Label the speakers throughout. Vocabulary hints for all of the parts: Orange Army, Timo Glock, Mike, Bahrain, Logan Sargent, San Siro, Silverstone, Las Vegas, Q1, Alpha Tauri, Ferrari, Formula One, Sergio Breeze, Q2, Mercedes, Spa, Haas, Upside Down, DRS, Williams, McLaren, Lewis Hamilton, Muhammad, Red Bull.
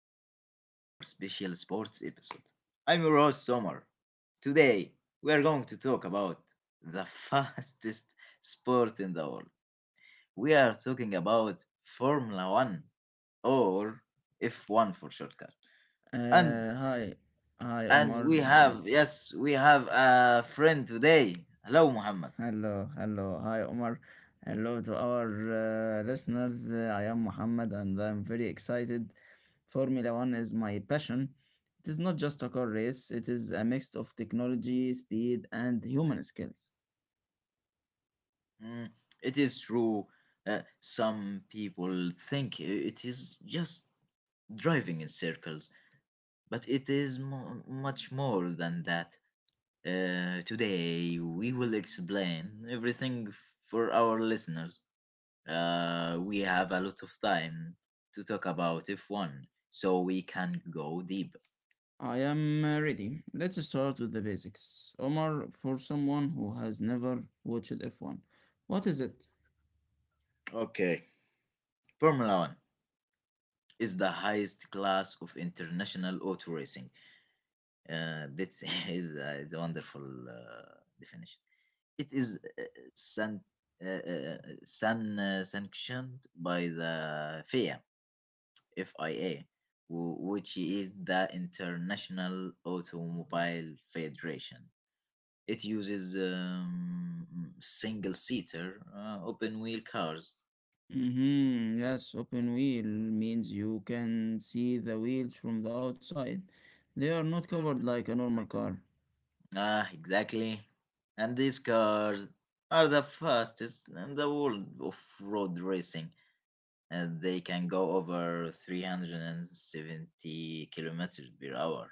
Speaker 1: back to our special sports episode. I'm your host, Sommer. Today, we are going to talk about the fastest sport in the world. We are talking about Formula One or F1 for shortcut. And
Speaker 2: Uh, hi, hi
Speaker 1: and
Speaker 2: Omar.
Speaker 1: we have yes, we have a friend today. Hello, Muhammad.
Speaker 2: Hello, hello, hi Omar. Hello to our listeners. I am Muhammad and I'm very excited. Formula One is my passion. It is not just a car race, it is a mix of technology, speed, and human skills.
Speaker 1: Mm, it is true. Some people think it is just driving in circles, but it is much more than that. Today, we will explain everything for our listeners. We have a lot of time to talk about F1, so we can go deep.
Speaker 2: I am ready. Let's start with the basics. Omar, for someone who has never watched F1, what is it?
Speaker 1: Okay, Formula 1 is the highest class of international auto racing. That is a wonderful definition. It is san- uh, uh, uh, sanctioned by the FIA, FIA, which is the International Automobile Federation. It uses single seater open wheel cars.
Speaker 2: Mm-hmm. Yes, open wheel means you can see the wheels from the outside. They are not covered like a normal car.
Speaker 1: Ah, exactly. And these cars are the fastest in the world of road racing. And they can go over 370 kilometers per hour.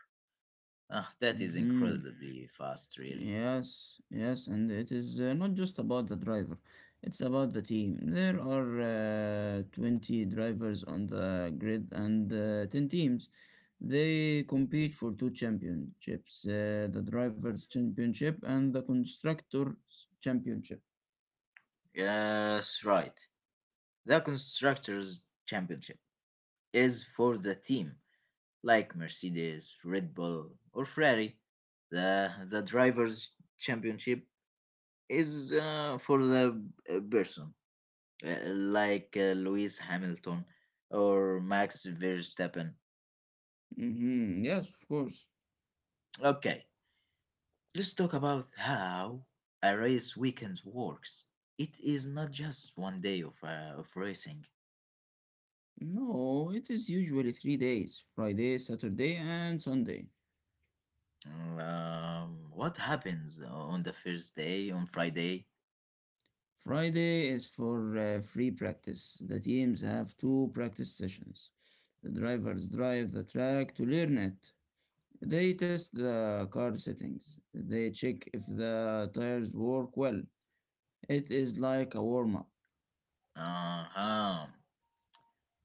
Speaker 1: Ah, that is
Speaker 2: Mm-hmm.
Speaker 1: incredibly fast, really.
Speaker 2: Yes, and it is not just about the driver, it's about the team. There are 20 drivers on the grid and 10 teams. They compete for two championships, the Drivers' Championship and the Constructors' Championship.
Speaker 1: Yes, right. The Constructors' Championship is for the team, like Mercedes, Red Bull, or Ferrari. The Drivers' Championship is for the person, like Lewis Hamilton or Max Verstappen.
Speaker 2: Mm-hmm. Yes, of course.
Speaker 1: Okay, let's talk about how a race weekend works. It is not just one day of racing.
Speaker 2: No, it is usually 3 days: Friday, Saturday, and Sunday.
Speaker 1: What happens on the first day, on Friday?
Speaker 2: Friday is for free practice. The teams have two practice sessions. The drivers drive the track to learn it. They test the car settings. They check if the tires work well. It is like a warm up.
Speaker 1: Uh-huh.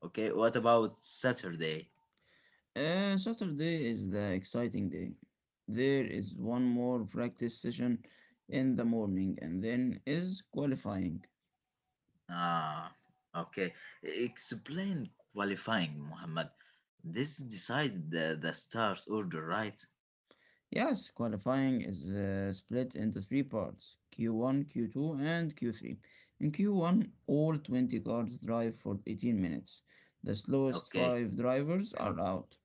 Speaker 1: Okay, what about Saturday?
Speaker 2: Saturday is the exciting day. There is one more practice session in the morning and then is qualifying.
Speaker 1: Ah, okay. Explain qualifying, Muhammad. This decides the start order, right?
Speaker 2: Yes, qualifying is split into three parts: Q1, Q2, and Q3. In Q1, all 20 cars drive for 18 minutes. The slowest
Speaker 1: Okay.
Speaker 2: five drivers are out.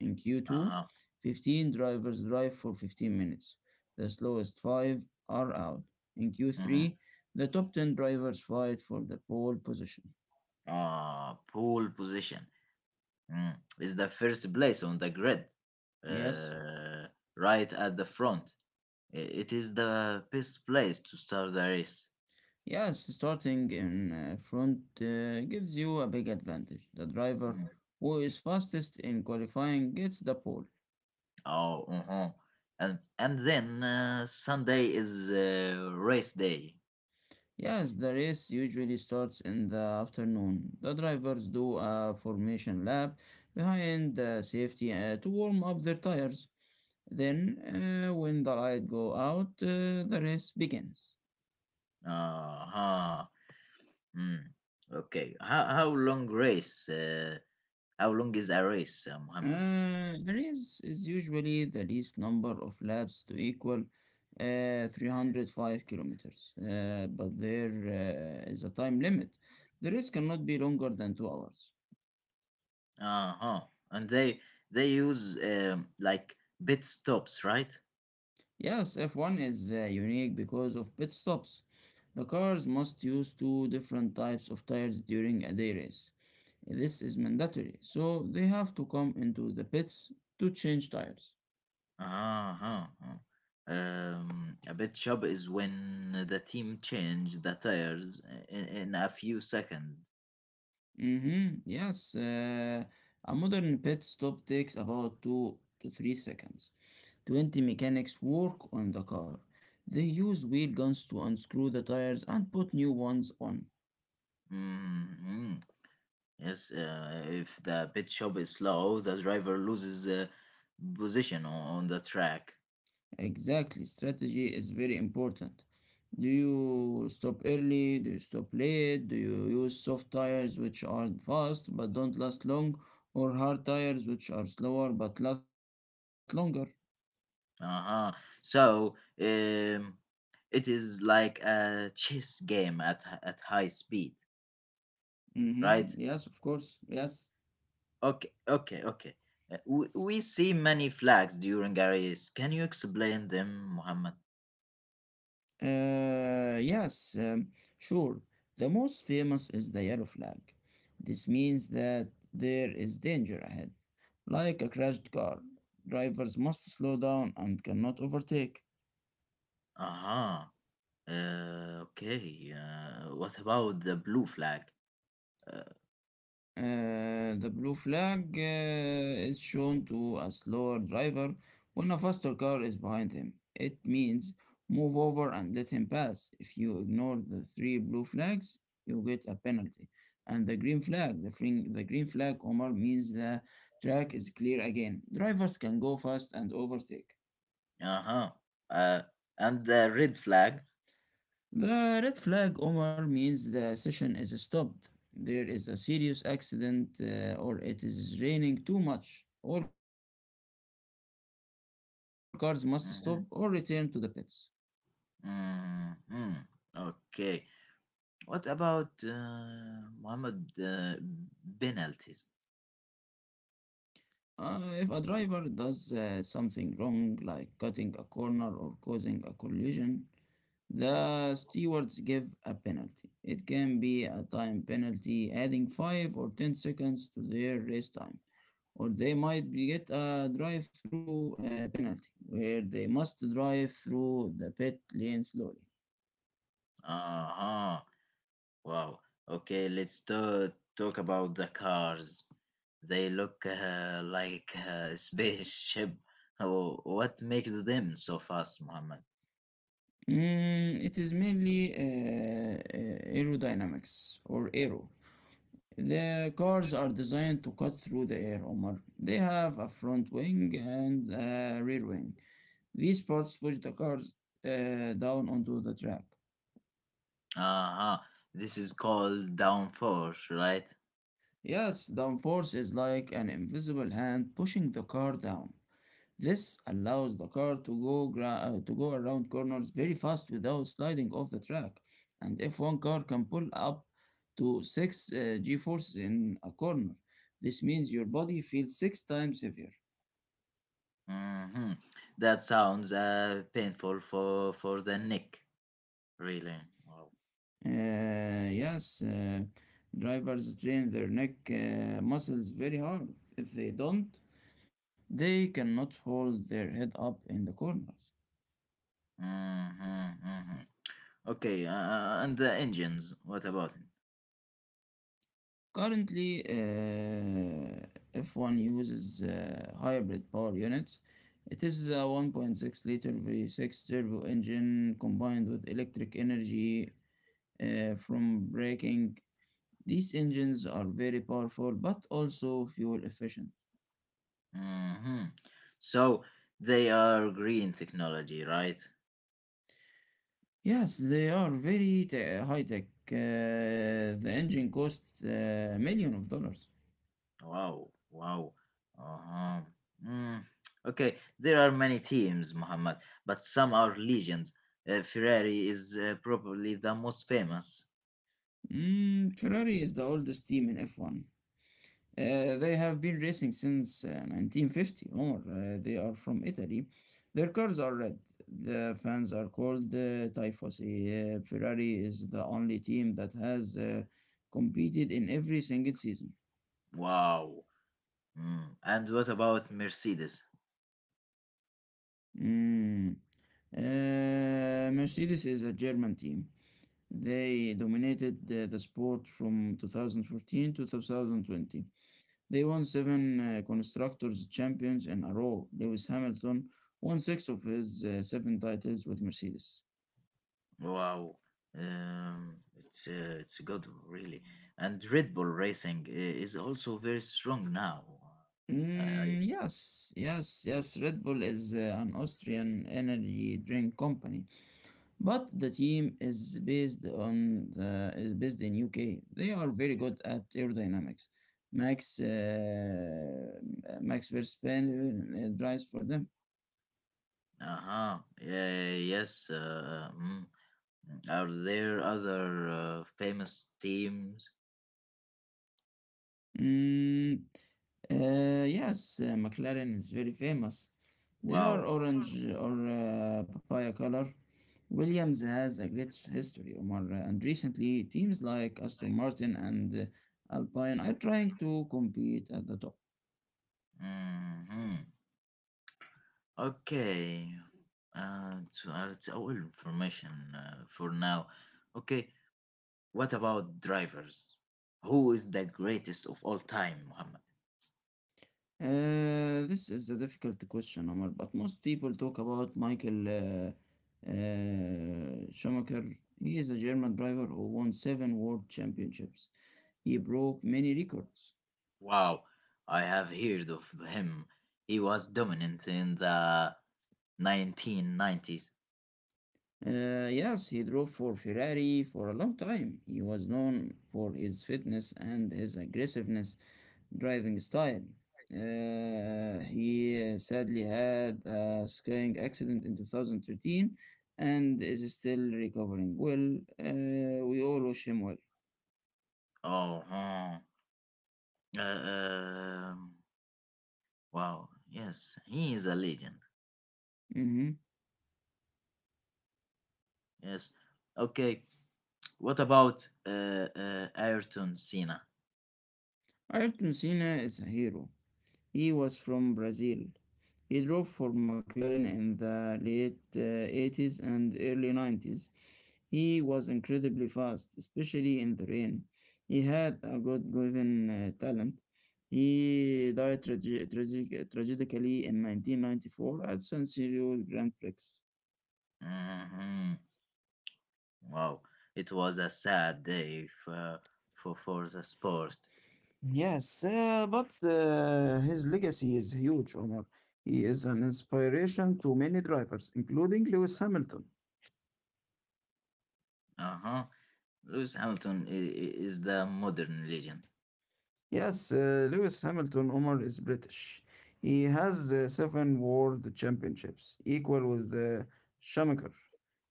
Speaker 2: In Q2,
Speaker 1: Uh-huh.
Speaker 2: 15 drivers drive for 15 minutes. The slowest five are out. In
Speaker 1: Mm-hmm.
Speaker 2: Q3, the top 10 drivers fight for the pole position.
Speaker 1: Pole position. Mm. Is the first place on the grid.
Speaker 2: Yes?
Speaker 1: Uh, right at the front. It is the best place to start the race.
Speaker 2: Yes, starting in front gives you a big advantage. The driver
Speaker 1: Mm.
Speaker 2: who is fastest in qualifying gets the pole.
Speaker 1: Oh, uh-huh. And then Sunday is race day.
Speaker 2: Yes, the race usually starts in the afternoon. The drivers do a formation lap behind the safety to warm up their tires. Then, when the light go out, the race begins.
Speaker 1: Uh-huh. Mm. Okay. How long is a race, Muhammad?
Speaker 2: Arrays is usually the least number of laps to equal 305 kilometers, but there is a time limit. The race cannot be longer than 2 hours.
Speaker 1: Uh-huh. And they use like bit stops, right?
Speaker 2: Yes, F1 is unique because of pit stops. The cars must use two different types of tires during a day race. This is mandatory, so they have to come into the pits to change tires.
Speaker 1: Uh-huh. Uh-huh. A bit stop is when the team change the tires in a few seconds.
Speaker 2: Mm-hmm. Yes, a modern pit stop takes about 2 to 3 seconds. 20 mechanics work on the car. They use wheel guns to unscrew the tires and put new ones on.
Speaker 1: Mm-hmm. Yes, if the pit stop is slow, the driver loses position on the track.
Speaker 2: Exactly, strategy is very important. Do you stop early? Do you stop late? Do you use soft tires which are fast but don't last long, or hard tires which are slower but last longer?
Speaker 1: Uh-huh. So, um, it is like a chess game at at high speed,
Speaker 2: Mm-hmm.
Speaker 1: right?
Speaker 2: Yes, of course. Yes.
Speaker 1: Okay, okay, okay. We see many flags during a race. Can you explain them, Muhammad?
Speaker 2: Uh, yes, um, sure. The most famous is the yellow flag. This means that there is danger ahead. Like a crashed car, drivers must slow down and cannot overtake.
Speaker 1: Uh-huh. Okay. What about the blue flag? Uh,
Speaker 2: The blue flag is shown to a slower driver when a faster car is behind him. It means move over and let him pass. If you ignore the three blue flags, you get a penalty. And the green flag, the green flag, Omar, means the track is clear again. Drivers can go fast and overtake.
Speaker 1: uh-huh. Uh, and the red flag?
Speaker 2: The red flag, Omar, means the session is stopped. There is a serious accident or it is raining too much. All cars must stop or return to the pits.
Speaker 1: Mhm. Mm-hmm. Okay. What about Mohammed, penalties?
Speaker 2: If a driver does something wrong, like cutting a corner or causing a collision, the stewards give a penalty. It can be a time penalty, adding 5 or 10 seconds to their race time, or they might be get a drive-through penalty where they must drive through the pit lane slowly.
Speaker 1: Uh-huh. Wow. Okay, talk about the cars. They look like a spaceship. Oh, what makes them so fast, Mohammed?
Speaker 2: Mm, it is mainly aerodynamics or aero. The cars are designed to cut through the air, Omar. They have a front wing and a rear wing. These parts push the cars down onto the track.
Speaker 1: Uh-huh. This is called downforce, right?
Speaker 2: Yes, downforce is like an invisible hand pushing the car down. This allows the car to to go around corners very fast without sliding off the track. And if one car can pull up to 6 g-forces in a corner, this means your body feels 6 times heavier.
Speaker 1: Mm-hmm. That sounds painful for the neck, really. Wow.
Speaker 2: Uh, yes, uh, drivers train their neck muscles very hard. If they don't, they cannot hold their head up in the corners.
Speaker 1: Mm-hmm, mm-hmm. Okay, and the engines, what about it?
Speaker 2: Currently, if one uses hybrid power units, it is a 1.6-liter V6 turbo engine combined with electric energy from braking. These engines are very powerful but also fuel efficient.
Speaker 1: Hmm. So they are green technology, right?
Speaker 2: Yes, they are high tech. The engine costs million of dollars.
Speaker 1: Wow, wow. Uh-huh. Mm. Okay, there are many teams, Muhammad, but some are legions. Ferrari is probably the most famous.
Speaker 2: Mm, Ferrari is the oldest team in F1. They have been racing since 1950, Omar. They are from Italy. Their cars are red. The fans are called Tifosi. Ferrari is the only team that has competed in every single season.
Speaker 1: Wow. Mm. And what about Mercedes?
Speaker 2: Mm. Mercedes is a German team. They dominated the sport from 2014 to 2020. They won seven Constructors' Champions in a row. Lewis Hamilton won six of his seven titles with Mercedes.
Speaker 1: Wow. It's it's good, really. And Red Bull Racing is also very strong now. I
Speaker 2: Mm,
Speaker 1: think.
Speaker 2: yes, yes, yes. Red Bull is an Austrian energy drink company, but the team is based on the, is based in UK. They are very good at aerodynamics. Max uh, Max Verstappen drives for them.
Speaker 1: Uh-huh. Yeah, yeah, yeah, yes. Mm. Are there other famous teams?
Speaker 2: Mm, yes, McLaren is very famous. They are
Speaker 1: Wow.
Speaker 2: orange or papaya color. Williams has a great history, Omar, and recently teams like Aston Martin and Alpine are trying to compete at the top.
Speaker 1: Hmm. Okay. It's all information for now. Okay. What about drivers? Who is the greatest of all time?
Speaker 2: This is a difficult question, Omar, but most people talk about Michael Schumacher. He is a German driver who won seven world championships. He broke many records.
Speaker 1: Wow, I have heard of him. He was dominant in the 1990s.
Speaker 2: Yes, he drove for Ferrari for a long time. He was known for his fitness and his aggressiveness driving style. He sadly had a skiing accident in 2013 and is still recovering well. We all wish him well.
Speaker 1: Oh, hmm. uh, um, wow. Yes, he is a legend.
Speaker 2: Mhm.
Speaker 1: Yes. Okay. What about Ayrton Senna?
Speaker 2: Ayrton Senna is a hero. He was from Brazil. He drove for McLaren in the late 80s and early 90s. He was incredibly fast, especially in the rain. He had a God given talent. He died tragically in 1994 at San Siro Grand Prix.
Speaker 1: Hmm. Wow. It was a sad day for for the sport.
Speaker 2: Yes, but his legacy is huge, Omar. He is an inspiration to many drivers, including Lewis Hamilton.
Speaker 1: Uh huh. Lewis Hamilton is the modern legend.
Speaker 2: Yes, Lewis Hamilton Omar is British. He has seven world championships, equal with Schumacher.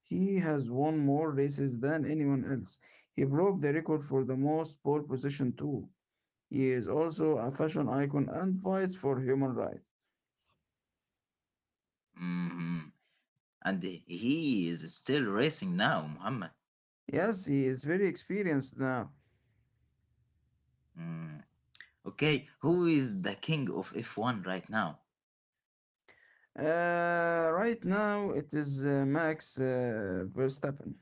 Speaker 2: He has won more races than anyone else. He broke the record for the most pole position, too. He is also a fashion icon and fights for human rights.
Speaker 1: Hmm. And he is still racing now, Muhammad.
Speaker 2: Yes, he is very experienced now.
Speaker 1: Mm. Okay, who is the king of F1 right now?
Speaker 2: Right now, it is Max Verstappen.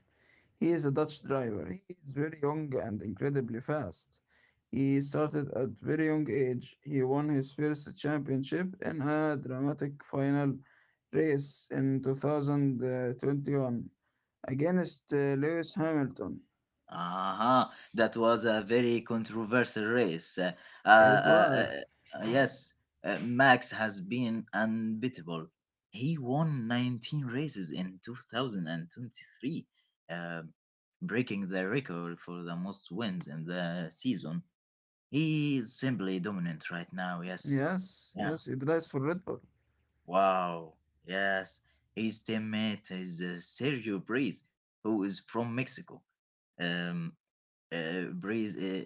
Speaker 2: He is a Dutch driver. He is very young and incredibly fast. He started at very young age. He won his first championship in a dramatic final race in 2021 against Lewis Hamilton.
Speaker 1: Aha, that was a very controversial race.
Speaker 2: It was.
Speaker 1: Yes, Max has been unbeatable. He won 19 races in 2023, uh, breaking the record for the most wins in the season. He is simply dominant right now, yes.
Speaker 2: Yes,
Speaker 1: Yeah.
Speaker 2: yes, he drives for Red Bull.
Speaker 1: Wow, yes, his teammate is Sergio Breeze, who is from Mexico. Um, Breeze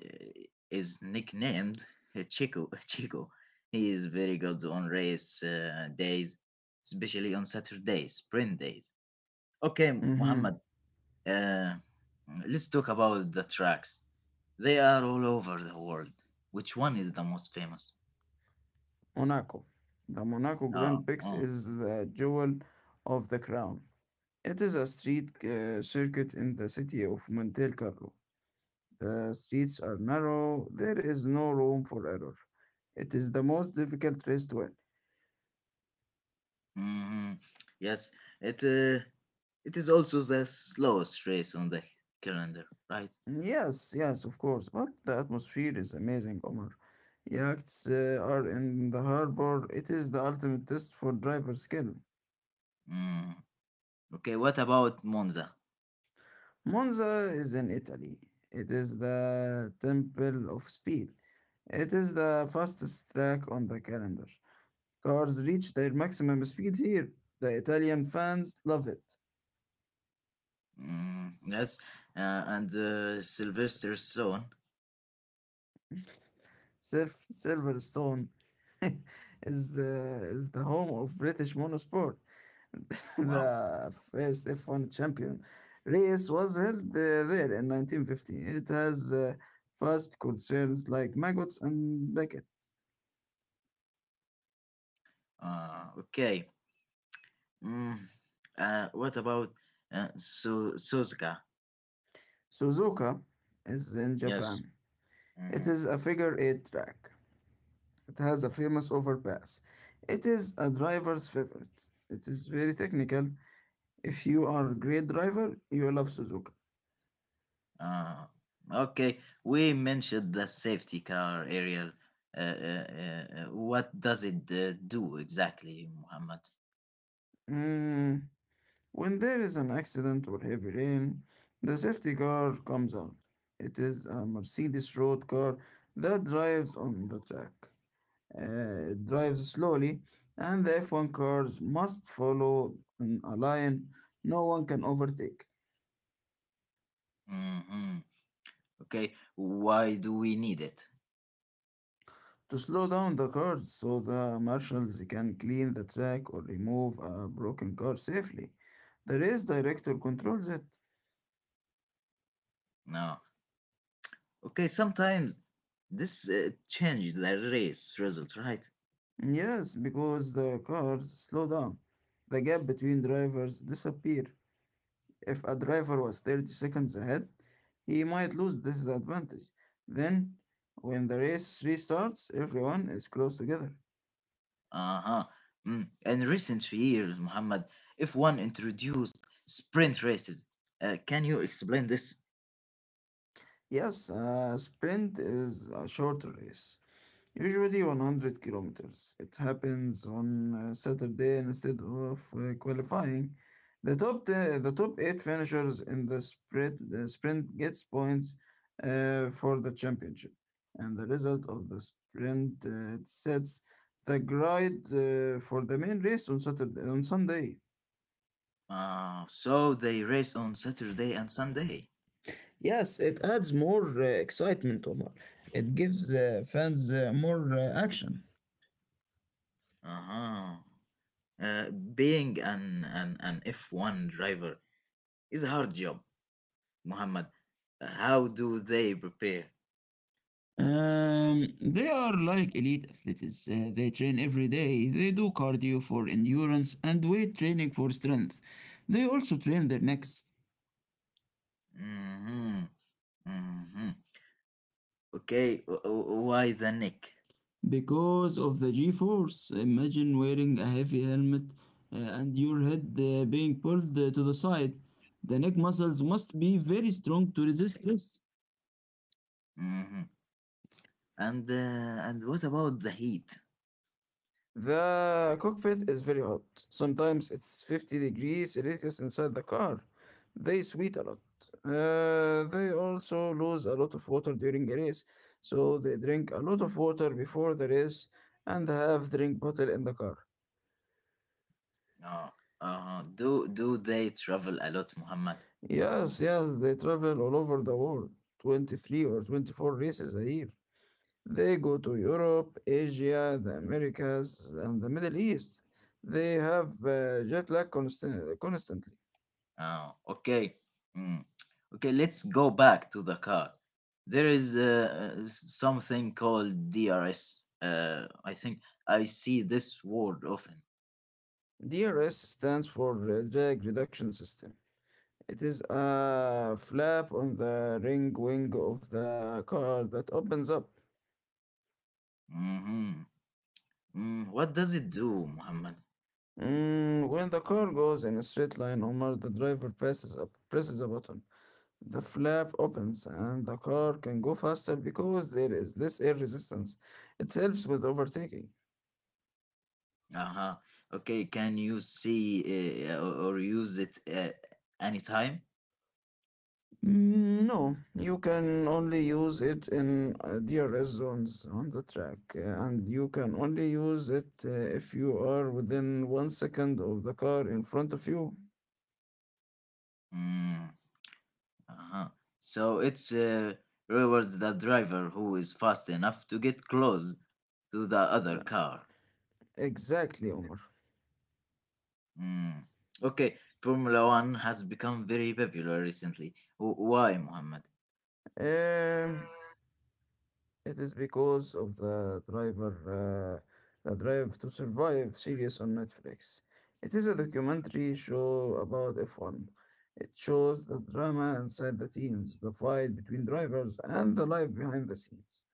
Speaker 1: is nicknamed Chico. Chico. He is very good on race days, especially on Saturdays, sprint days. Okay,
Speaker 2: Mm-hmm.
Speaker 1: Muhammad, uh, let's talk about the tracks. They are all over the world. Which one is the most famous?
Speaker 2: Monaco. The Monaco Grand
Speaker 1: Oh,
Speaker 2: Prix
Speaker 1: oh.
Speaker 2: is the jewel of the crown. It is a street circuit in the city of Monte Carlo. The streets are narrow, there is no room for error. It is the most difficult race to win.
Speaker 1: Hmm. Yes, it uh, it is also the slowest race on the calendar, right?
Speaker 2: Yes, yes, of course, but the atmosphere is amazing, Omar. Yachts are in the harbor, it is the ultimate test for driver skill.
Speaker 1: Mm. Okay, what about Monza?
Speaker 2: Monza is in Italy, it is the temple of speed. It is the fastest track on the calendar. Cars reach their maximum speed here. The Italian fans love it.
Speaker 1: Mm, yes, and Sylvester Stone.
Speaker 2: Silverstone is the home of British motorsport.
Speaker 1: Wow.
Speaker 2: The first F1 champion race was held there in 1950. It has fast concerns like maggots and buckets.
Speaker 1: Okay. Mm, what about Suzuka?
Speaker 2: Suzuka is in
Speaker 1: Yes.
Speaker 2: Japan. It
Speaker 1: Hmm.
Speaker 2: is a figure eight track. It has a famous overpass. It is a driver's favorite. It is very technical. If you are a great driver, you love Suzuka.
Speaker 1: Uh, okay, we mentioned the safety car, Ariel. What does it do exactly, Muhammad?
Speaker 2: Mm, when there is an accident or heavy rain, the safety car comes out. It is a Mercedes road car that drives on the track. It drives slowly, and the F1 cars must follow in a line. No one can overtake.
Speaker 1: Hmm. Okay, why do we need it?
Speaker 2: To slow down the cars so the marshals can clean the track or remove a broken car safely, the race director controls it.
Speaker 1: No. Okay, sometimes this changed the race result, right?
Speaker 2: Yes, because the cars slow down. The gap between drivers disappear. If a driver was 30 seconds ahead, he might lose this advantage. Then, when the race restarts, everyone is close together.
Speaker 1: Uh huh. Mm. In recent years, Muhammad, if one introduced sprint races, can you explain this?
Speaker 2: Yes, a sprint is a shorter race. Usually 100 kilometers. It happens on Saturday instead of qualifying. The top eight finishers in the sprint gets points for the championship, and the result of the sprint sets the grid for the main race on Saturday on Sunday.
Speaker 1: So they race on Saturday and Sunday.
Speaker 2: Yes, it adds more excitement, Omar. It gives the fans more action.
Speaker 1: Uh-huh. Uh, being an F1 driver is a hard job, Muhammad. How do they prepare?
Speaker 2: They are like elite athletes. They train every day. They do cardio for endurance and weight training for strength. They also train their necks
Speaker 1: Mhm. Hmm. Okay, why the neck?
Speaker 2: because of the G force. Imagine wearing a heavy helmet and your head being pulled to the side. The neck muscles must be very strong to resist this.
Speaker 1: Hmm. And what about the heat?
Speaker 2: The cockpit is very hot. Sometimes it's 50 degrees Celsius inside the car. They sweat a lot. They also lose a lot of water during a race, so they drink a lot of water before the race and have drink bottle in the car.
Speaker 1: Uh, do they travel a lot, Muhammad?
Speaker 2: Yes, yes, they travel all over the world, 23 or 24 races a year. They go to Europe, Asia, the Americas, and the Middle East. They have jet lag constantly.
Speaker 1: Okay, mm. okay. Let's go back to the car. There is something called DRS. I think I see this word often.
Speaker 2: DRS stands for drag reduction system. It is a flap on the ring wing of the car that opens up.
Speaker 1: Hmm. Mm, what does it do, Muhammad?
Speaker 2: When the car goes in a straight line or the driver passes up, presses a button. The flap opens and the car can go faster because there is less air resistance. It helps with overtaking.
Speaker 1: Uh-huh. Okay, can you see or use it anytime?
Speaker 2: Mm, no, you can only use it in DRS zones on the track, and you can only use it if you are within 1 second of the car in front of you.
Speaker 1: Mm. Uh-huh. So it rewards the driver who is fast enough to get close to the other
Speaker 2: Yeah,
Speaker 1: car.
Speaker 2: exactly, Omar.
Speaker 1: Mm. Okay, Formula One has become very popular recently. Why, Muhammad?
Speaker 2: Um, it is because of the driver, the drive to survive series on Netflix. It is a documentary show about F1. It shows the drama inside the teams, the fight between drivers, and the life behind the scenes.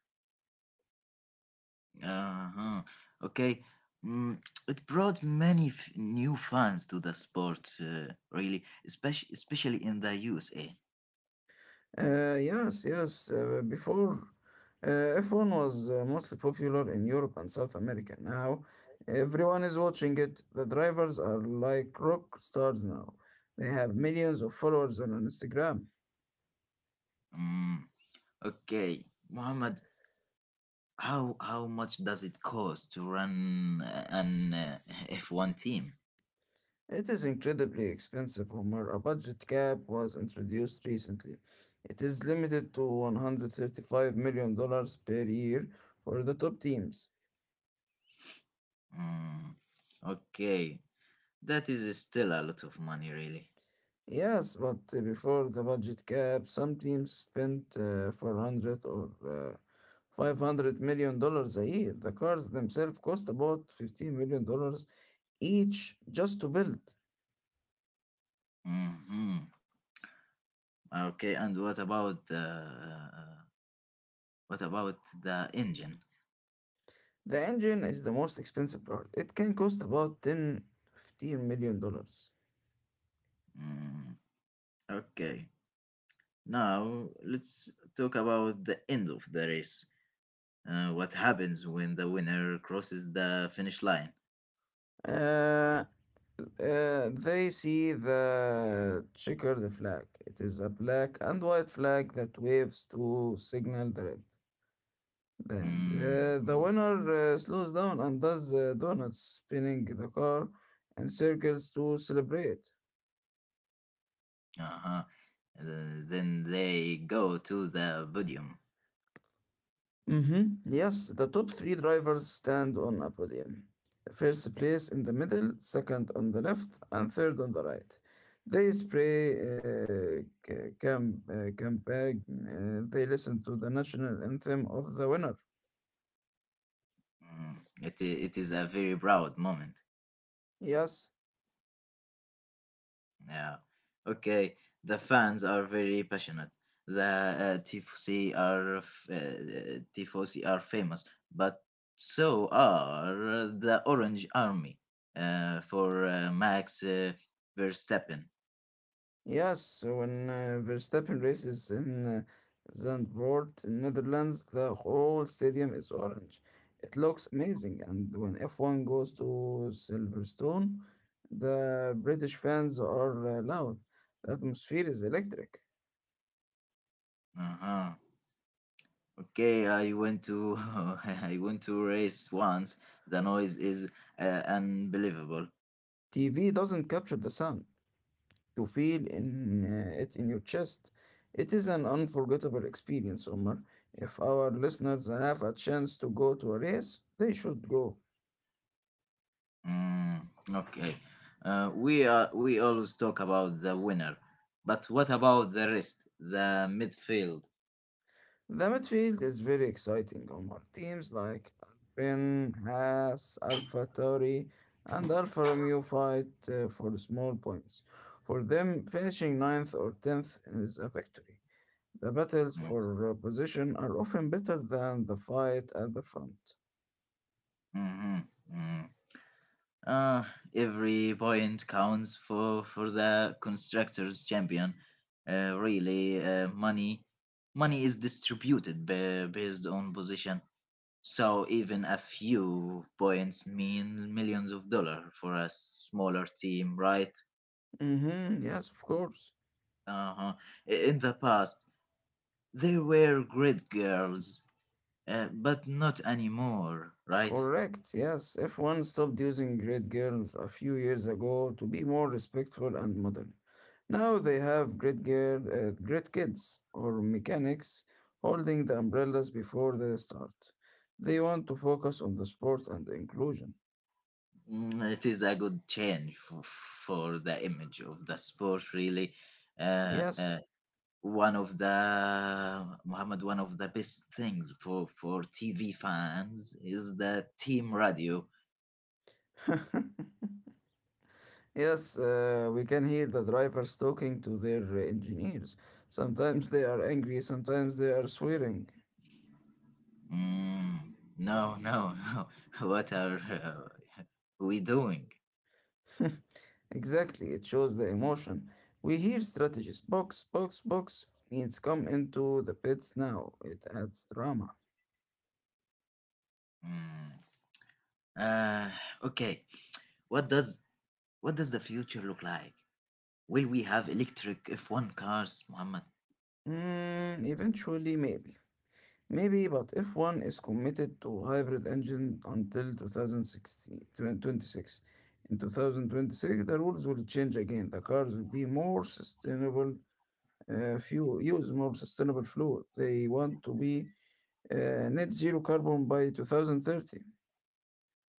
Speaker 1: Uh-huh. Okay. Mm, it brought many new fans to the sport, really, especially in the USA.
Speaker 2: Yes, yes. Before, uh, F1 was mostly popular in Europe and South America. Now, everyone is watching it. The drivers are like rock stars now. They have millions of followers on Instagram.
Speaker 1: Mm. Okay, Mohammed, how much does it cost to run an F1 team?
Speaker 2: It is incredibly expensive, Homer. A budget cap was introduced recently. It is limited to $135 million dollars per year for the top teams.
Speaker 1: Mm, okay, that is still a lot of money, really.
Speaker 2: Yes, but before the budget cap, some teams spent 400 or 500 million dollars a year. The cars themselves cost about 15 million dollars each just to build.
Speaker 1: Hmm. Okay, and what about the engine?
Speaker 2: The engine is the most expensive part. It can cost about ten, $15 million.
Speaker 1: Mm, okay, now let's talk about the end of the race. What happens when the winner crosses the finish line?
Speaker 2: Uh, they see the checker, the flag. It is a black and white flag that waves to signal the red. Then
Speaker 1: Mm.
Speaker 2: the winner slows down and does the donuts, spinning the car in circles to celebrate.
Speaker 1: Uh-huh. Uh, then they go to the podium.
Speaker 2: Mm-hmm. Yes, the top three drivers stand on a podium. First place in the middle, second on the left, and third on the right. They spray c- camp, uh, they listen to the national anthem of the winner.
Speaker 1: Mm, it is a very proud moment.
Speaker 2: Yes,
Speaker 1: Yeah. Okay. The fans are very passionate. The tifosi are famous, but so are the Orange Army for Max Verstappen.
Speaker 2: yes, so when Verstappen races in Zandvoort, in Netherlands, the whole stadium is orange. It looks amazing, and when F1 goes to Silverstone, the British fans are loud. The atmosphere is electric.
Speaker 1: Uh-huh. Okay, I went to I went to race once. The noise is unbelievable.
Speaker 2: TV doesn't capture the sound. You feel it in your chest. It is an unforgettable experience, Omar. If our listeners have a chance to go to a race, they should go.
Speaker 1: Mm, okay. We always talk about the winner, but what about the rest, the midfield?
Speaker 2: The midfield is very exciting, Omar. Teams like Alpine, Haas, Alpha Tauri, and Alfa Romeo fight for small points. For them, finishing ninth or 10th is a victory. The battles
Speaker 1: Mm,
Speaker 2: for position are often better than the fight at the front.
Speaker 1: mhm, mm. Uh, every point counts for the constructors champion. Really, money money is distributed based on position. So even a few points mean millions of dollars for a smaller team, right?
Speaker 2: Mm-hmm, yes, of course.
Speaker 1: Uh-huh. In the past, they were great girls, but not anymore, right?
Speaker 2: Correct, yes. F1 stopped using great girls a few years ago to be more respectful and modern. Now they have great kids or mechanics holding the umbrellas before they start. They want to focus on the sport and inclusion.
Speaker 1: Mm, it is a good change for the image of the sport, really. Uh,
Speaker 2: Yes.
Speaker 1: uh, one of the best things for TV fans is the team radio.
Speaker 2: Yes, we can hear the drivers talking to their engineers. Sometimes they are angry, sometimes they are swearing.
Speaker 1: Mm, no, no, no. What are we doing?
Speaker 2: Exactly, it shows the emotion. We hear strategies box, box, box means come into the pits now. It adds drama.
Speaker 1: Mm. Uh, okay. What does what does the future look like? Will we have electric F1 cars, Muhammad?
Speaker 2: Mm, eventually, maybe. Maybe, but if one is committed to hybrid engine until 26. In 2026, the rules will change again. The cars will be more sustainable fuel, use more sustainable fuel. They want to be net zero carbon by 2030.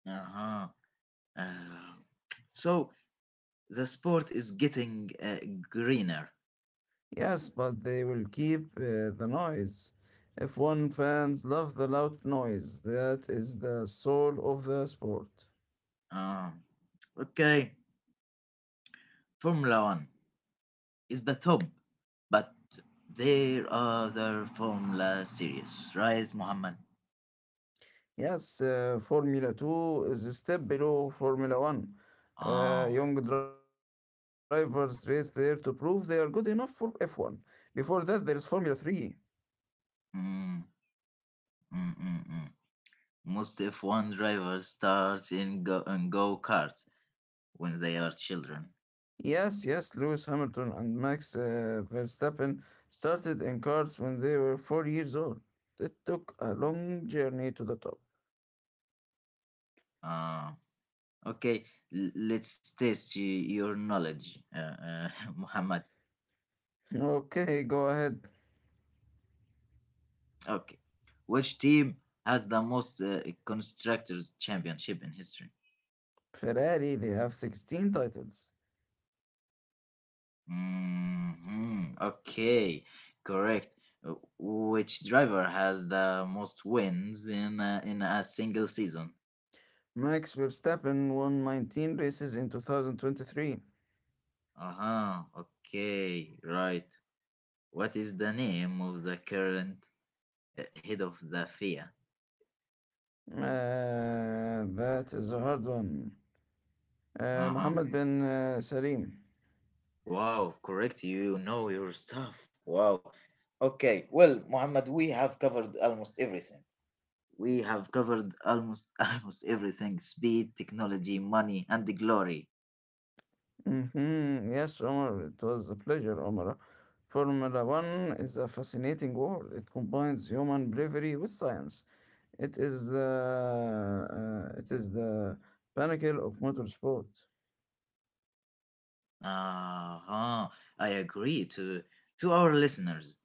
Speaker 1: Uh-huh. Uh, so the sport is getting greener.
Speaker 2: Yes, but they will keep the noise. F1 fans love the loud noise. That is the soul of the sport.
Speaker 1: Uh, okay, Formula One is the top, but there are other Formula series, right, Muhammad?
Speaker 2: Yes, Formula 2 is a step below Formula 1.
Speaker 1: Oh,
Speaker 2: Young drivers race there to prove they are good enough for F1. Before that, there is Formula 3.
Speaker 1: mm, mm. Most F1 drivers start in go karts when they are children.
Speaker 2: Yes, yes, Lewis Hamilton and Max Verstappen started in cars when they were 4 years old. It took a long journey to the top.
Speaker 1: Uh, Okay, let's test your knowledge, Muhammad.
Speaker 2: Okay, go ahead.
Speaker 1: Okay, which team has the most constructors championship in history?
Speaker 2: Ferrari, they have 16 titles.
Speaker 1: Hmm. Okay, correct. Which driver has the most wins in in a single season?
Speaker 2: Max Verstappen won 19 races in 2023.
Speaker 1: Uh huh. Okay, right. What is the name of the current head of the FIA?
Speaker 2: Uh, that is a hard one.
Speaker 1: Uh huh.
Speaker 2: Mohammed bin Salim.
Speaker 1: Wow, correct. You know your stuff. Wow. Okay, well, Muhammad, we have covered almost everything. We have covered almost almost everything: speed, technology, money, and the glory.
Speaker 2: Hmm, yes, Omar, it was a pleasure, Omar. Formula One is a fascinating world. It combines human bravery with science. It is the pinnacle of motorsport.
Speaker 1: Uh-huh. I agree to our listeners.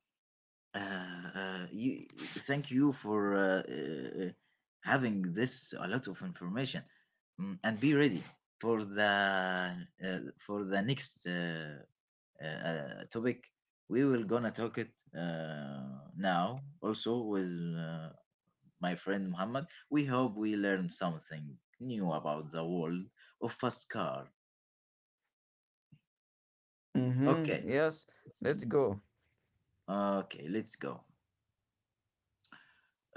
Speaker 1: Uh, uh, you, thank you for having this a lot of information. Mm, and be ready for the uh, for the next a topic we will gonna talk it now also with uh, my friend Muhammad. We hope we learn something new about the world of fast car.
Speaker 2: Hmm,
Speaker 1: Okay,
Speaker 2: yes, let's go.
Speaker 1: okay, let's go.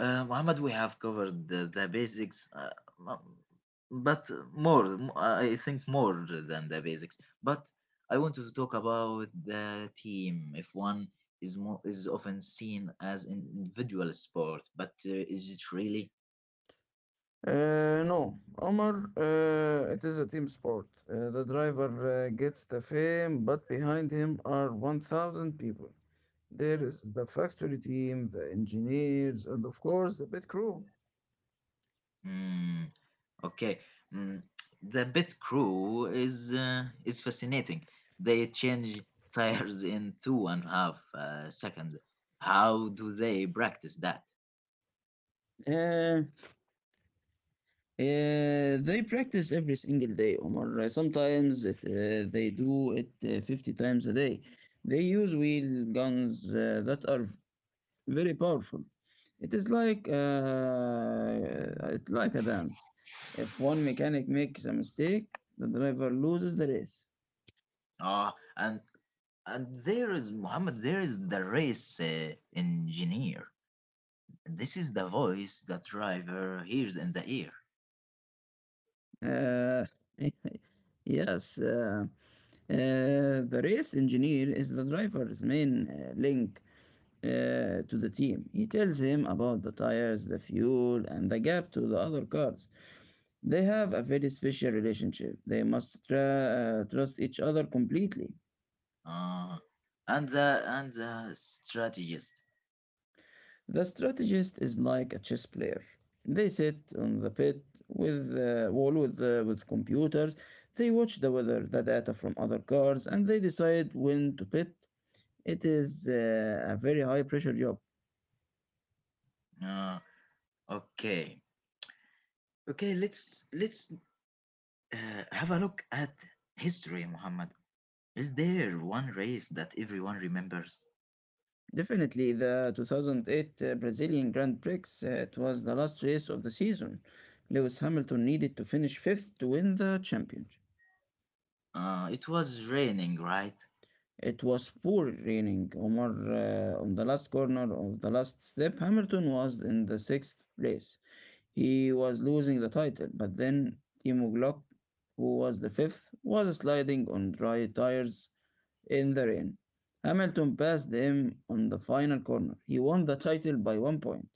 Speaker 1: Muhammad, we have covered the basics, m- but more, I think more than the basics. But I want to talk about the team. If one is more is often seen as an individual sport, but is it really?
Speaker 2: No, Omar, it is a team sport. The driver gets the fame, but behind him are 1,000 people. There is the factory team, the engineers, and of course the pit crew.
Speaker 1: Hmm. Okay. Mm, the Bit Crew is fascinating. They change tires in two and a half second. How do they practice that?
Speaker 2: Uh, uh, they practice every single day, Omar. Sometimes they do it 50 times a day. They use wheel guns that are very powerful. It is like uh, it's like a dance. If one mechanic makes a mistake, the driver loses the race.
Speaker 1: Ah, and And there is Muhammad, there is the race engineer. This is the voice that driver hears in the ear.
Speaker 2: Uh, yes, the race engineer is the driver's main link to the team. He tells him about the tires, the fuel, and the gap to the other cars. They have a very special relationship. They must trust each other completely.
Speaker 1: Uh, and the strategist.
Speaker 2: The strategist is like a chess player. They sit on the pit with the wall with computers. They watch the weather, the data from other cards, and they decide when to pit. It is a very high pressure job.
Speaker 1: Uh, okay, okay. Let's have a look at history, Muhammad. Is there one race that everyone remembers?
Speaker 2: Definitely, the 2008 Brazilian Grand Prix. It was the last race of the season. Lewis Hamilton needed to finish fifth to win the championship.
Speaker 1: It was raining, right?
Speaker 2: It was pouring raining. Omar, on the last corner of the last step, Hamilton was in the sixth place. He was losing the title, but then Timo Glock, who was the fifth, was sliding on dry tires in the rain. Hamilton passed him on the final corner. He won the title by 1 point.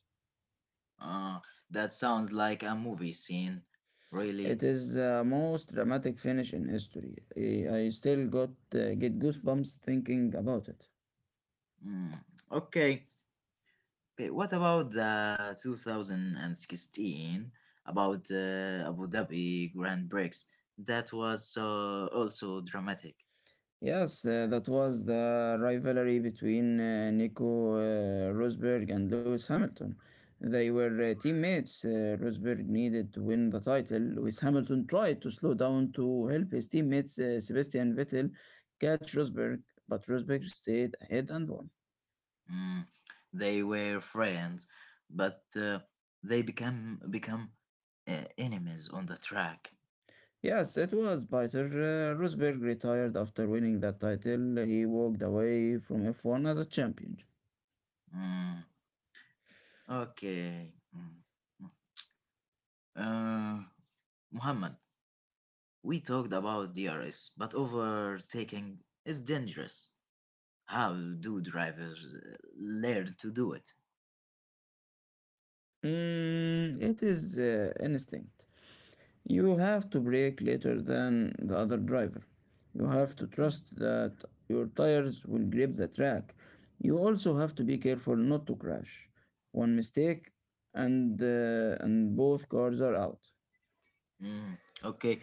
Speaker 1: Uh, that sounds like a movie scene. Really?
Speaker 2: It is the most dramatic finish in history. I still got get goosebumps thinking about it.
Speaker 1: Mm, okay. Okay, what about the 2016 about Abu Dhabi Grand Prix? That was also dramatic.
Speaker 2: Yes, that was the rivalry between Nico Rosberg and Lewis Hamilton. They were teammates. Rosberg needed to win the title. Lewis Hamilton tried to slow down to help his teammate Sebastian Vettel catch Rosberg, but Rosberg stayed ahead and won.
Speaker 1: Mm, they were friends, but they become enemies on the track.
Speaker 2: Yes, it was bitter. Rosberg retired after winning that title. He walked away from F1 as a champion.
Speaker 1: Mm, okay. Mm. Mm. Uh, Muhammad, we talked about DRS, but overtaking is dangerous. How do drivers learn to do it?
Speaker 2: Mm, it is instinct. You have to brake later than the other driver. You have to
Speaker 1: Mm,
Speaker 2: trust that your tires will grip the track. You also have to be careful not to crash. One mistake and both cars are out.
Speaker 1: mm. Okay,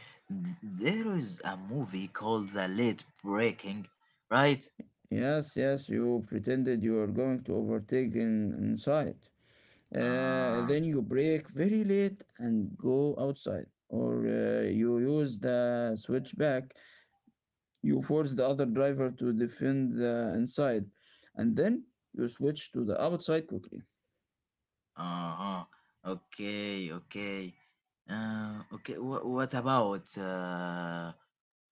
Speaker 1: There is a movie called The Late Breaking, right?
Speaker 2: Yes, yes, you pretended you are going to overtake inside.
Speaker 1: Uh,
Speaker 2: Then you brake very late and go outside, or you use the switchback. You force the other driver to defend the inside, and then you switch to the outside quickly.
Speaker 1: uh-huh. Okay, okay. Okay, what about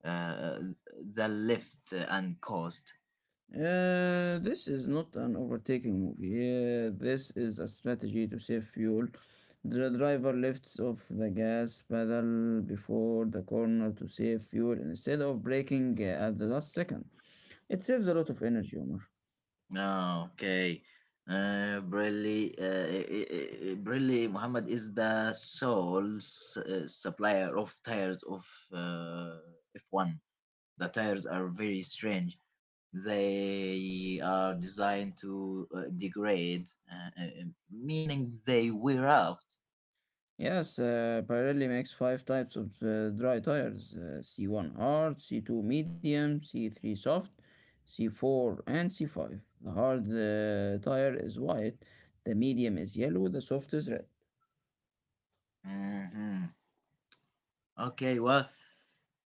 Speaker 1: uh, The Lift and Cost?
Speaker 2: This is not an overtaking movie. This is a strategy to save fuel. The driver lifts off the gas pedal before the corner to save fuel instead of braking at the last second. It saves a lot of energy, Omar.
Speaker 1: Oh, okay. Brilli Muhammad is the sole supplier of tires of uh, F1. The tires are very strange. They are designed to degrade, meaning they wear out.
Speaker 2: Yes, Pirelli makes five types of dry tires: C1 hard, C2 medium, C3 soft, C4, and C5. The hard tire is white, the medium is yellow, the soft is red.
Speaker 1: Mhm. Okay, well,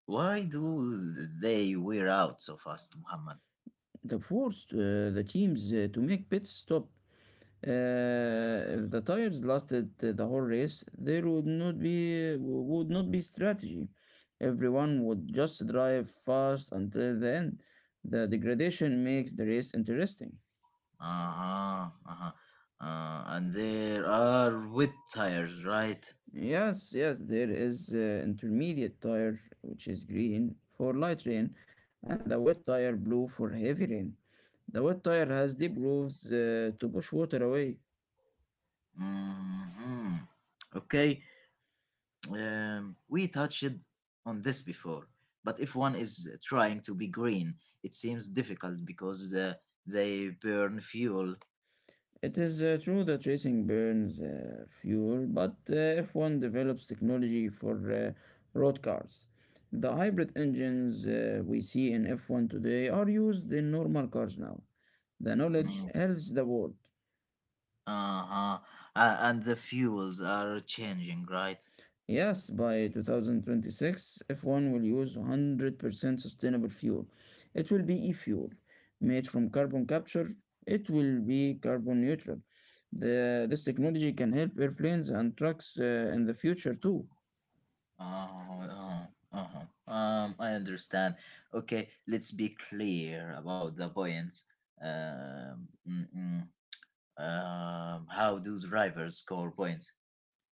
Speaker 1: why do they wear out so fast, Muhammad?
Speaker 2: The forced the teams to make pit stop. If the tires lasted the whole race, there would not be strategy. Everyone would just drive fast until the end. The degradation makes the race interesting.
Speaker 1: Uh-huh, uh-huh. And there are wet tires, right?
Speaker 2: Yes, yes, there is intermediate tire, which is green for light rain, and the wet tire blue for heavy rain. The wet tire has deep grooves to push water away.
Speaker 1: Hmm. Okay, we touched on this before, but if one is trying to be green, it seems difficult because they burn fuel.
Speaker 2: It is true that racing burns fuel, but if one develops technology for road cars, the hybrid engines we see in F1 today are used in normal cars now. The knowledge
Speaker 1: Mm,
Speaker 2: helps the world.
Speaker 1: uh-huh. And the fuels are changing, right?
Speaker 2: Yes, by 2026, F1 will use 100% sustainable fuel. It will be e-fuel made from carbon capture. It will be carbon neutral. This technology can help airplanes and trucks in the future too.
Speaker 1: Uh-huh. Uh-huh. I understand. Okay, let's be clear about the points. Mm-mm. How do drivers score points?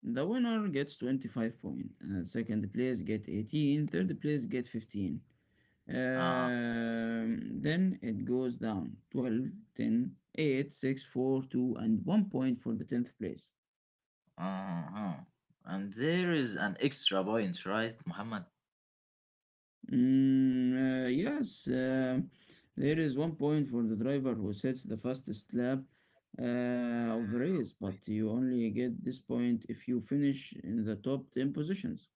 Speaker 2: The winner gets 25 points. Second place get 18. Third place get 15.
Speaker 1: Uh,
Speaker 2: Then it goes down 12, 10, 8, 6, 4, 2, and 1 point for the 10th place.
Speaker 1: uh-huh. And there is an extra point, right, Muhammad?
Speaker 2: Mm, yes, there is 1 point for the driver who sets the fastest lap of the race, but you only get this point if you finish in the top 10 positions.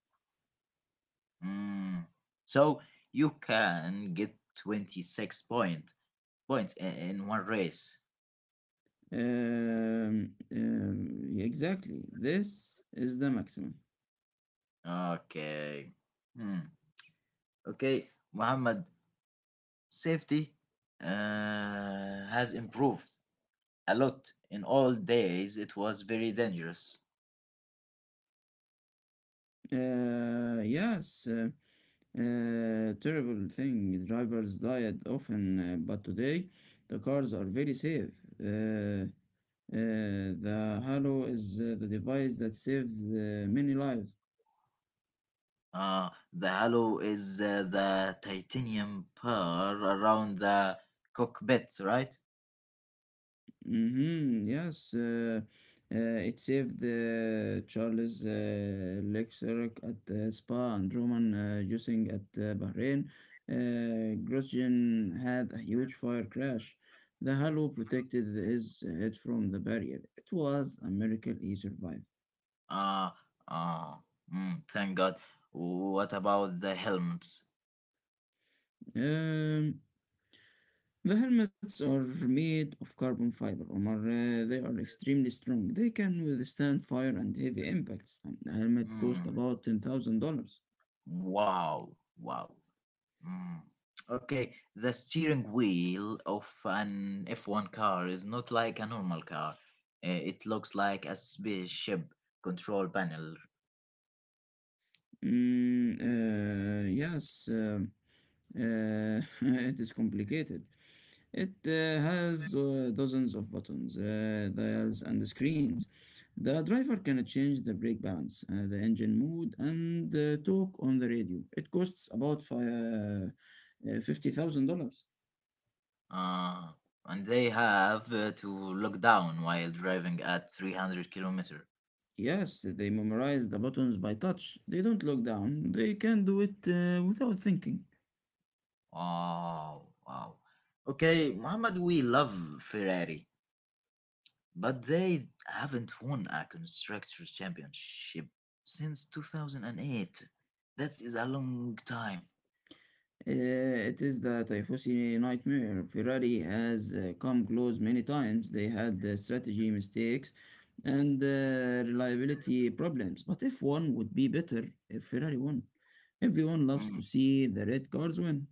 Speaker 1: Mm. So you can get 26 points in one race.
Speaker 2: Exactly, this is the maximum.
Speaker 1: Okay. Hmm. Okay, Muhammad, safety has improved a lot. In old days, it was very dangerous.
Speaker 2: Yes, terrible thing. Drivers died often, but today the cars are very safe. Uh, the halo is the device that saved many lives.
Speaker 1: The halo is the titanium pearl around the cockpit, right?
Speaker 2: Hmm, yes, it saved Charles Leclerc at Spa and Roman Using at Bahrain. Grosjean had a huge fire crash. The halo protected his head from the barrier. It was a miracle he survived.
Speaker 1: Uh, uh, mm, thank God. What about the helmets?
Speaker 2: Um, The helmets are made of carbon fiber, Omar. They are extremely strong. They can withstand fire and heavy impacts. The helmet costs
Speaker 1: Mm,
Speaker 2: about $10,000.
Speaker 1: wow, wow. Mm. Okay, the steering wheel of an F1 car is not like a normal car. It looks like a spaceship control panel.
Speaker 2: Yes, uh, it is complicated. It has dozens of buttons, dials, and screens. The driver can change the brake balance, the engine mode, and talk on the radio. It costs about $50,000.
Speaker 1: Uh, and they have to look down while driving at 300 kilometer.
Speaker 2: Yes, they memorize the buttons by touch. They don't look down. They can do it without thinking.
Speaker 1: Oh, wow. Okay, Mohammed, we love Ferrari, but they haven't won a constructors championship since 2008. That is a long time.
Speaker 2: It is the Tifosi nightmare. Ferrari has come close many times. They had strategy mistakes and reliability problems. But if one would be better if Ferrari won. Everyone loves
Speaker 1: Hmm.
Speaker 2: to see the red cars win.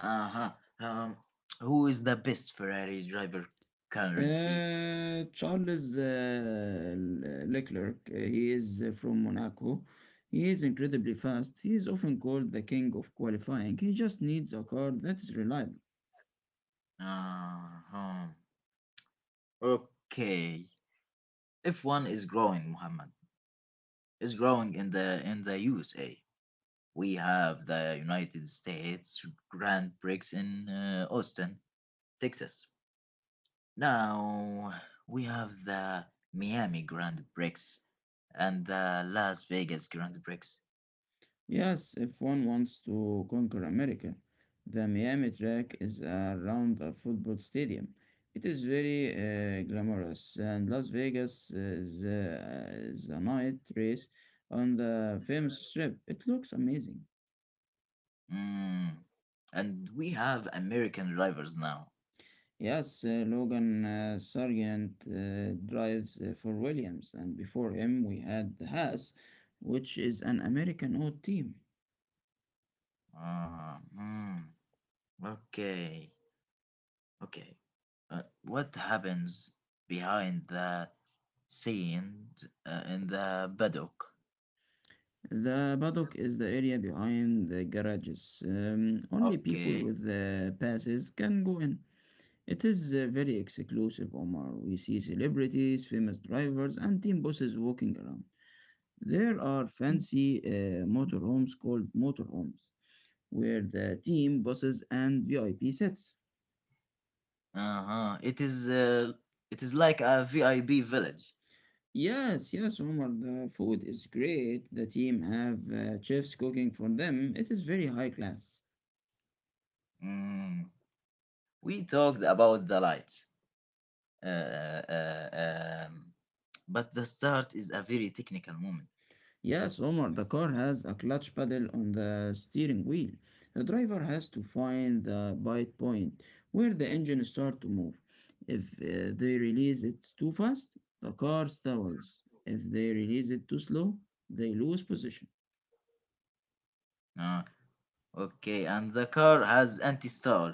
Speaker 1: Uh-huh. Um, who is the best Ferrari driver currently?
Speaker 2: Charles Leclerc, he is from Monaco. He is incredibly fast. He is often called the king of qualifying. He just needs a car that is reliable.
Speaker 1: Uh-huh. Okay. F1 is growing, Muhammad. It's growing in the USA. We have the United States Grand Prix in Austin, Texas. Now we have the Miami Grand Prix and the Las Vegas Grand Prix.
Speaker 2: Yes, if one wants to conquer America, the Miami track is around a football stadium. It is very glamorous, and Las Vegas is a night race on the famous strip. It looks amazing.
Speaker 1: Mm. And we have American drivers now.
Speaker 2: Yes, Logan Sargent drives for Williams, and before him we had the Haas, which is an American old team.
Speaker 1: Uh hmm. Okay, okay. What happens behind the scene in the paddock?
Speaker 2: The paddock is the area behind the garages. Only people
Speaker 1: Okay.
Speaker 2: with passes can go in. It is very exclusive, Omar. We see celebrities, famous drivers, and team bosses walking around. There are fancy motorhomes called motorhomes, where the team bosses and VIP sits.
Speaker 1: Uh-huh. It is like a VIP village.
Speaker 2: Yes, yes, Omar, the food is great. The team have chefs cooking for them. It is very high class.
Speaker 1: Mm. We talked about the lights. Uh, uh, um, but the start is a very technical moment.
Speaker 2: Yes, Omar, the car has a clutch pedal on the steering wheel. The driver has to find the bite point where the engine start to move. If they release it too fast, the car stalls. If they release it too slow, they lose position.
Speaker 1: Ah, okay, and the car has anti-stall,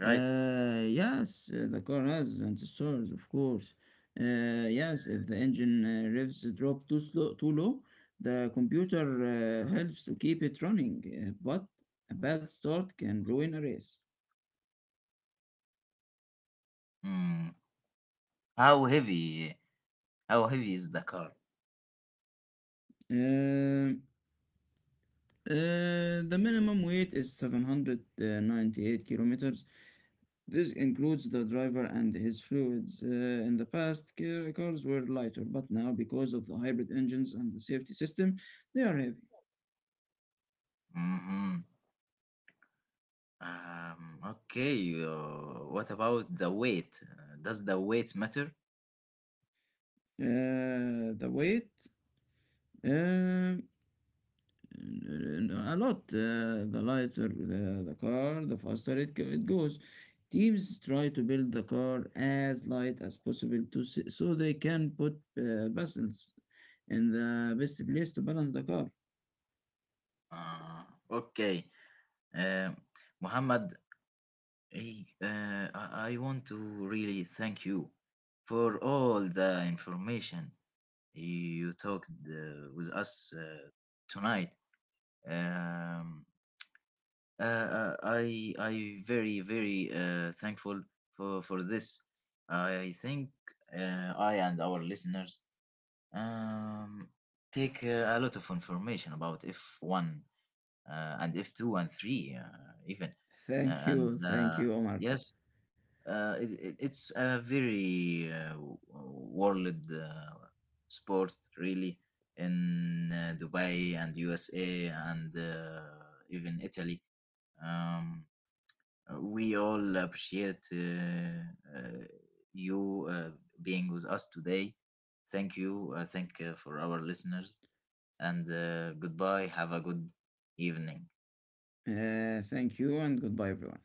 Speaker 1: right?
Speaker 2: Yes, the car has sensors, of course. Yes, if the engine revs drop too slow, too low, the computer helps to keep it running. But a bad start can ruin a race.
Speaker 1: Hmm. How heavy? How heavy is the car?
Speaker 2: Uh, the minimum weight is 798 kilometers. This includes the driver and his fluids. In the past, cars were lighter, but now, because of the hybrid engines and the safety system, they are heavy.
Speaker 1: Hmm. Okay. What about the weight? Does the weight matter?
Speaker 2: The weight, um, a lot. The lighter the car, the faster it goes. Teams try to build the car as light as possible to so they can put vessels in the best place to balance the car.
Speaker 1: Uh, okay. Um, Muhammad, I want to really thank you for all the information you talked with us tonight. Um, I very very thankful for this. I think I and our listeners um, take a lot of information about F1 and F2 and 3 even. And
Speaker 2: Thank you, Omar.
Speaker 1: Yes, it's a very world sport, really, in Dubai and USA and even Italy. um, we all appreciate uh, you uh, being with us today. Thank you, thank for our listeners, and goodbye. Have a good evening.
Speaker 2: Thank you, and goodbye, everyone.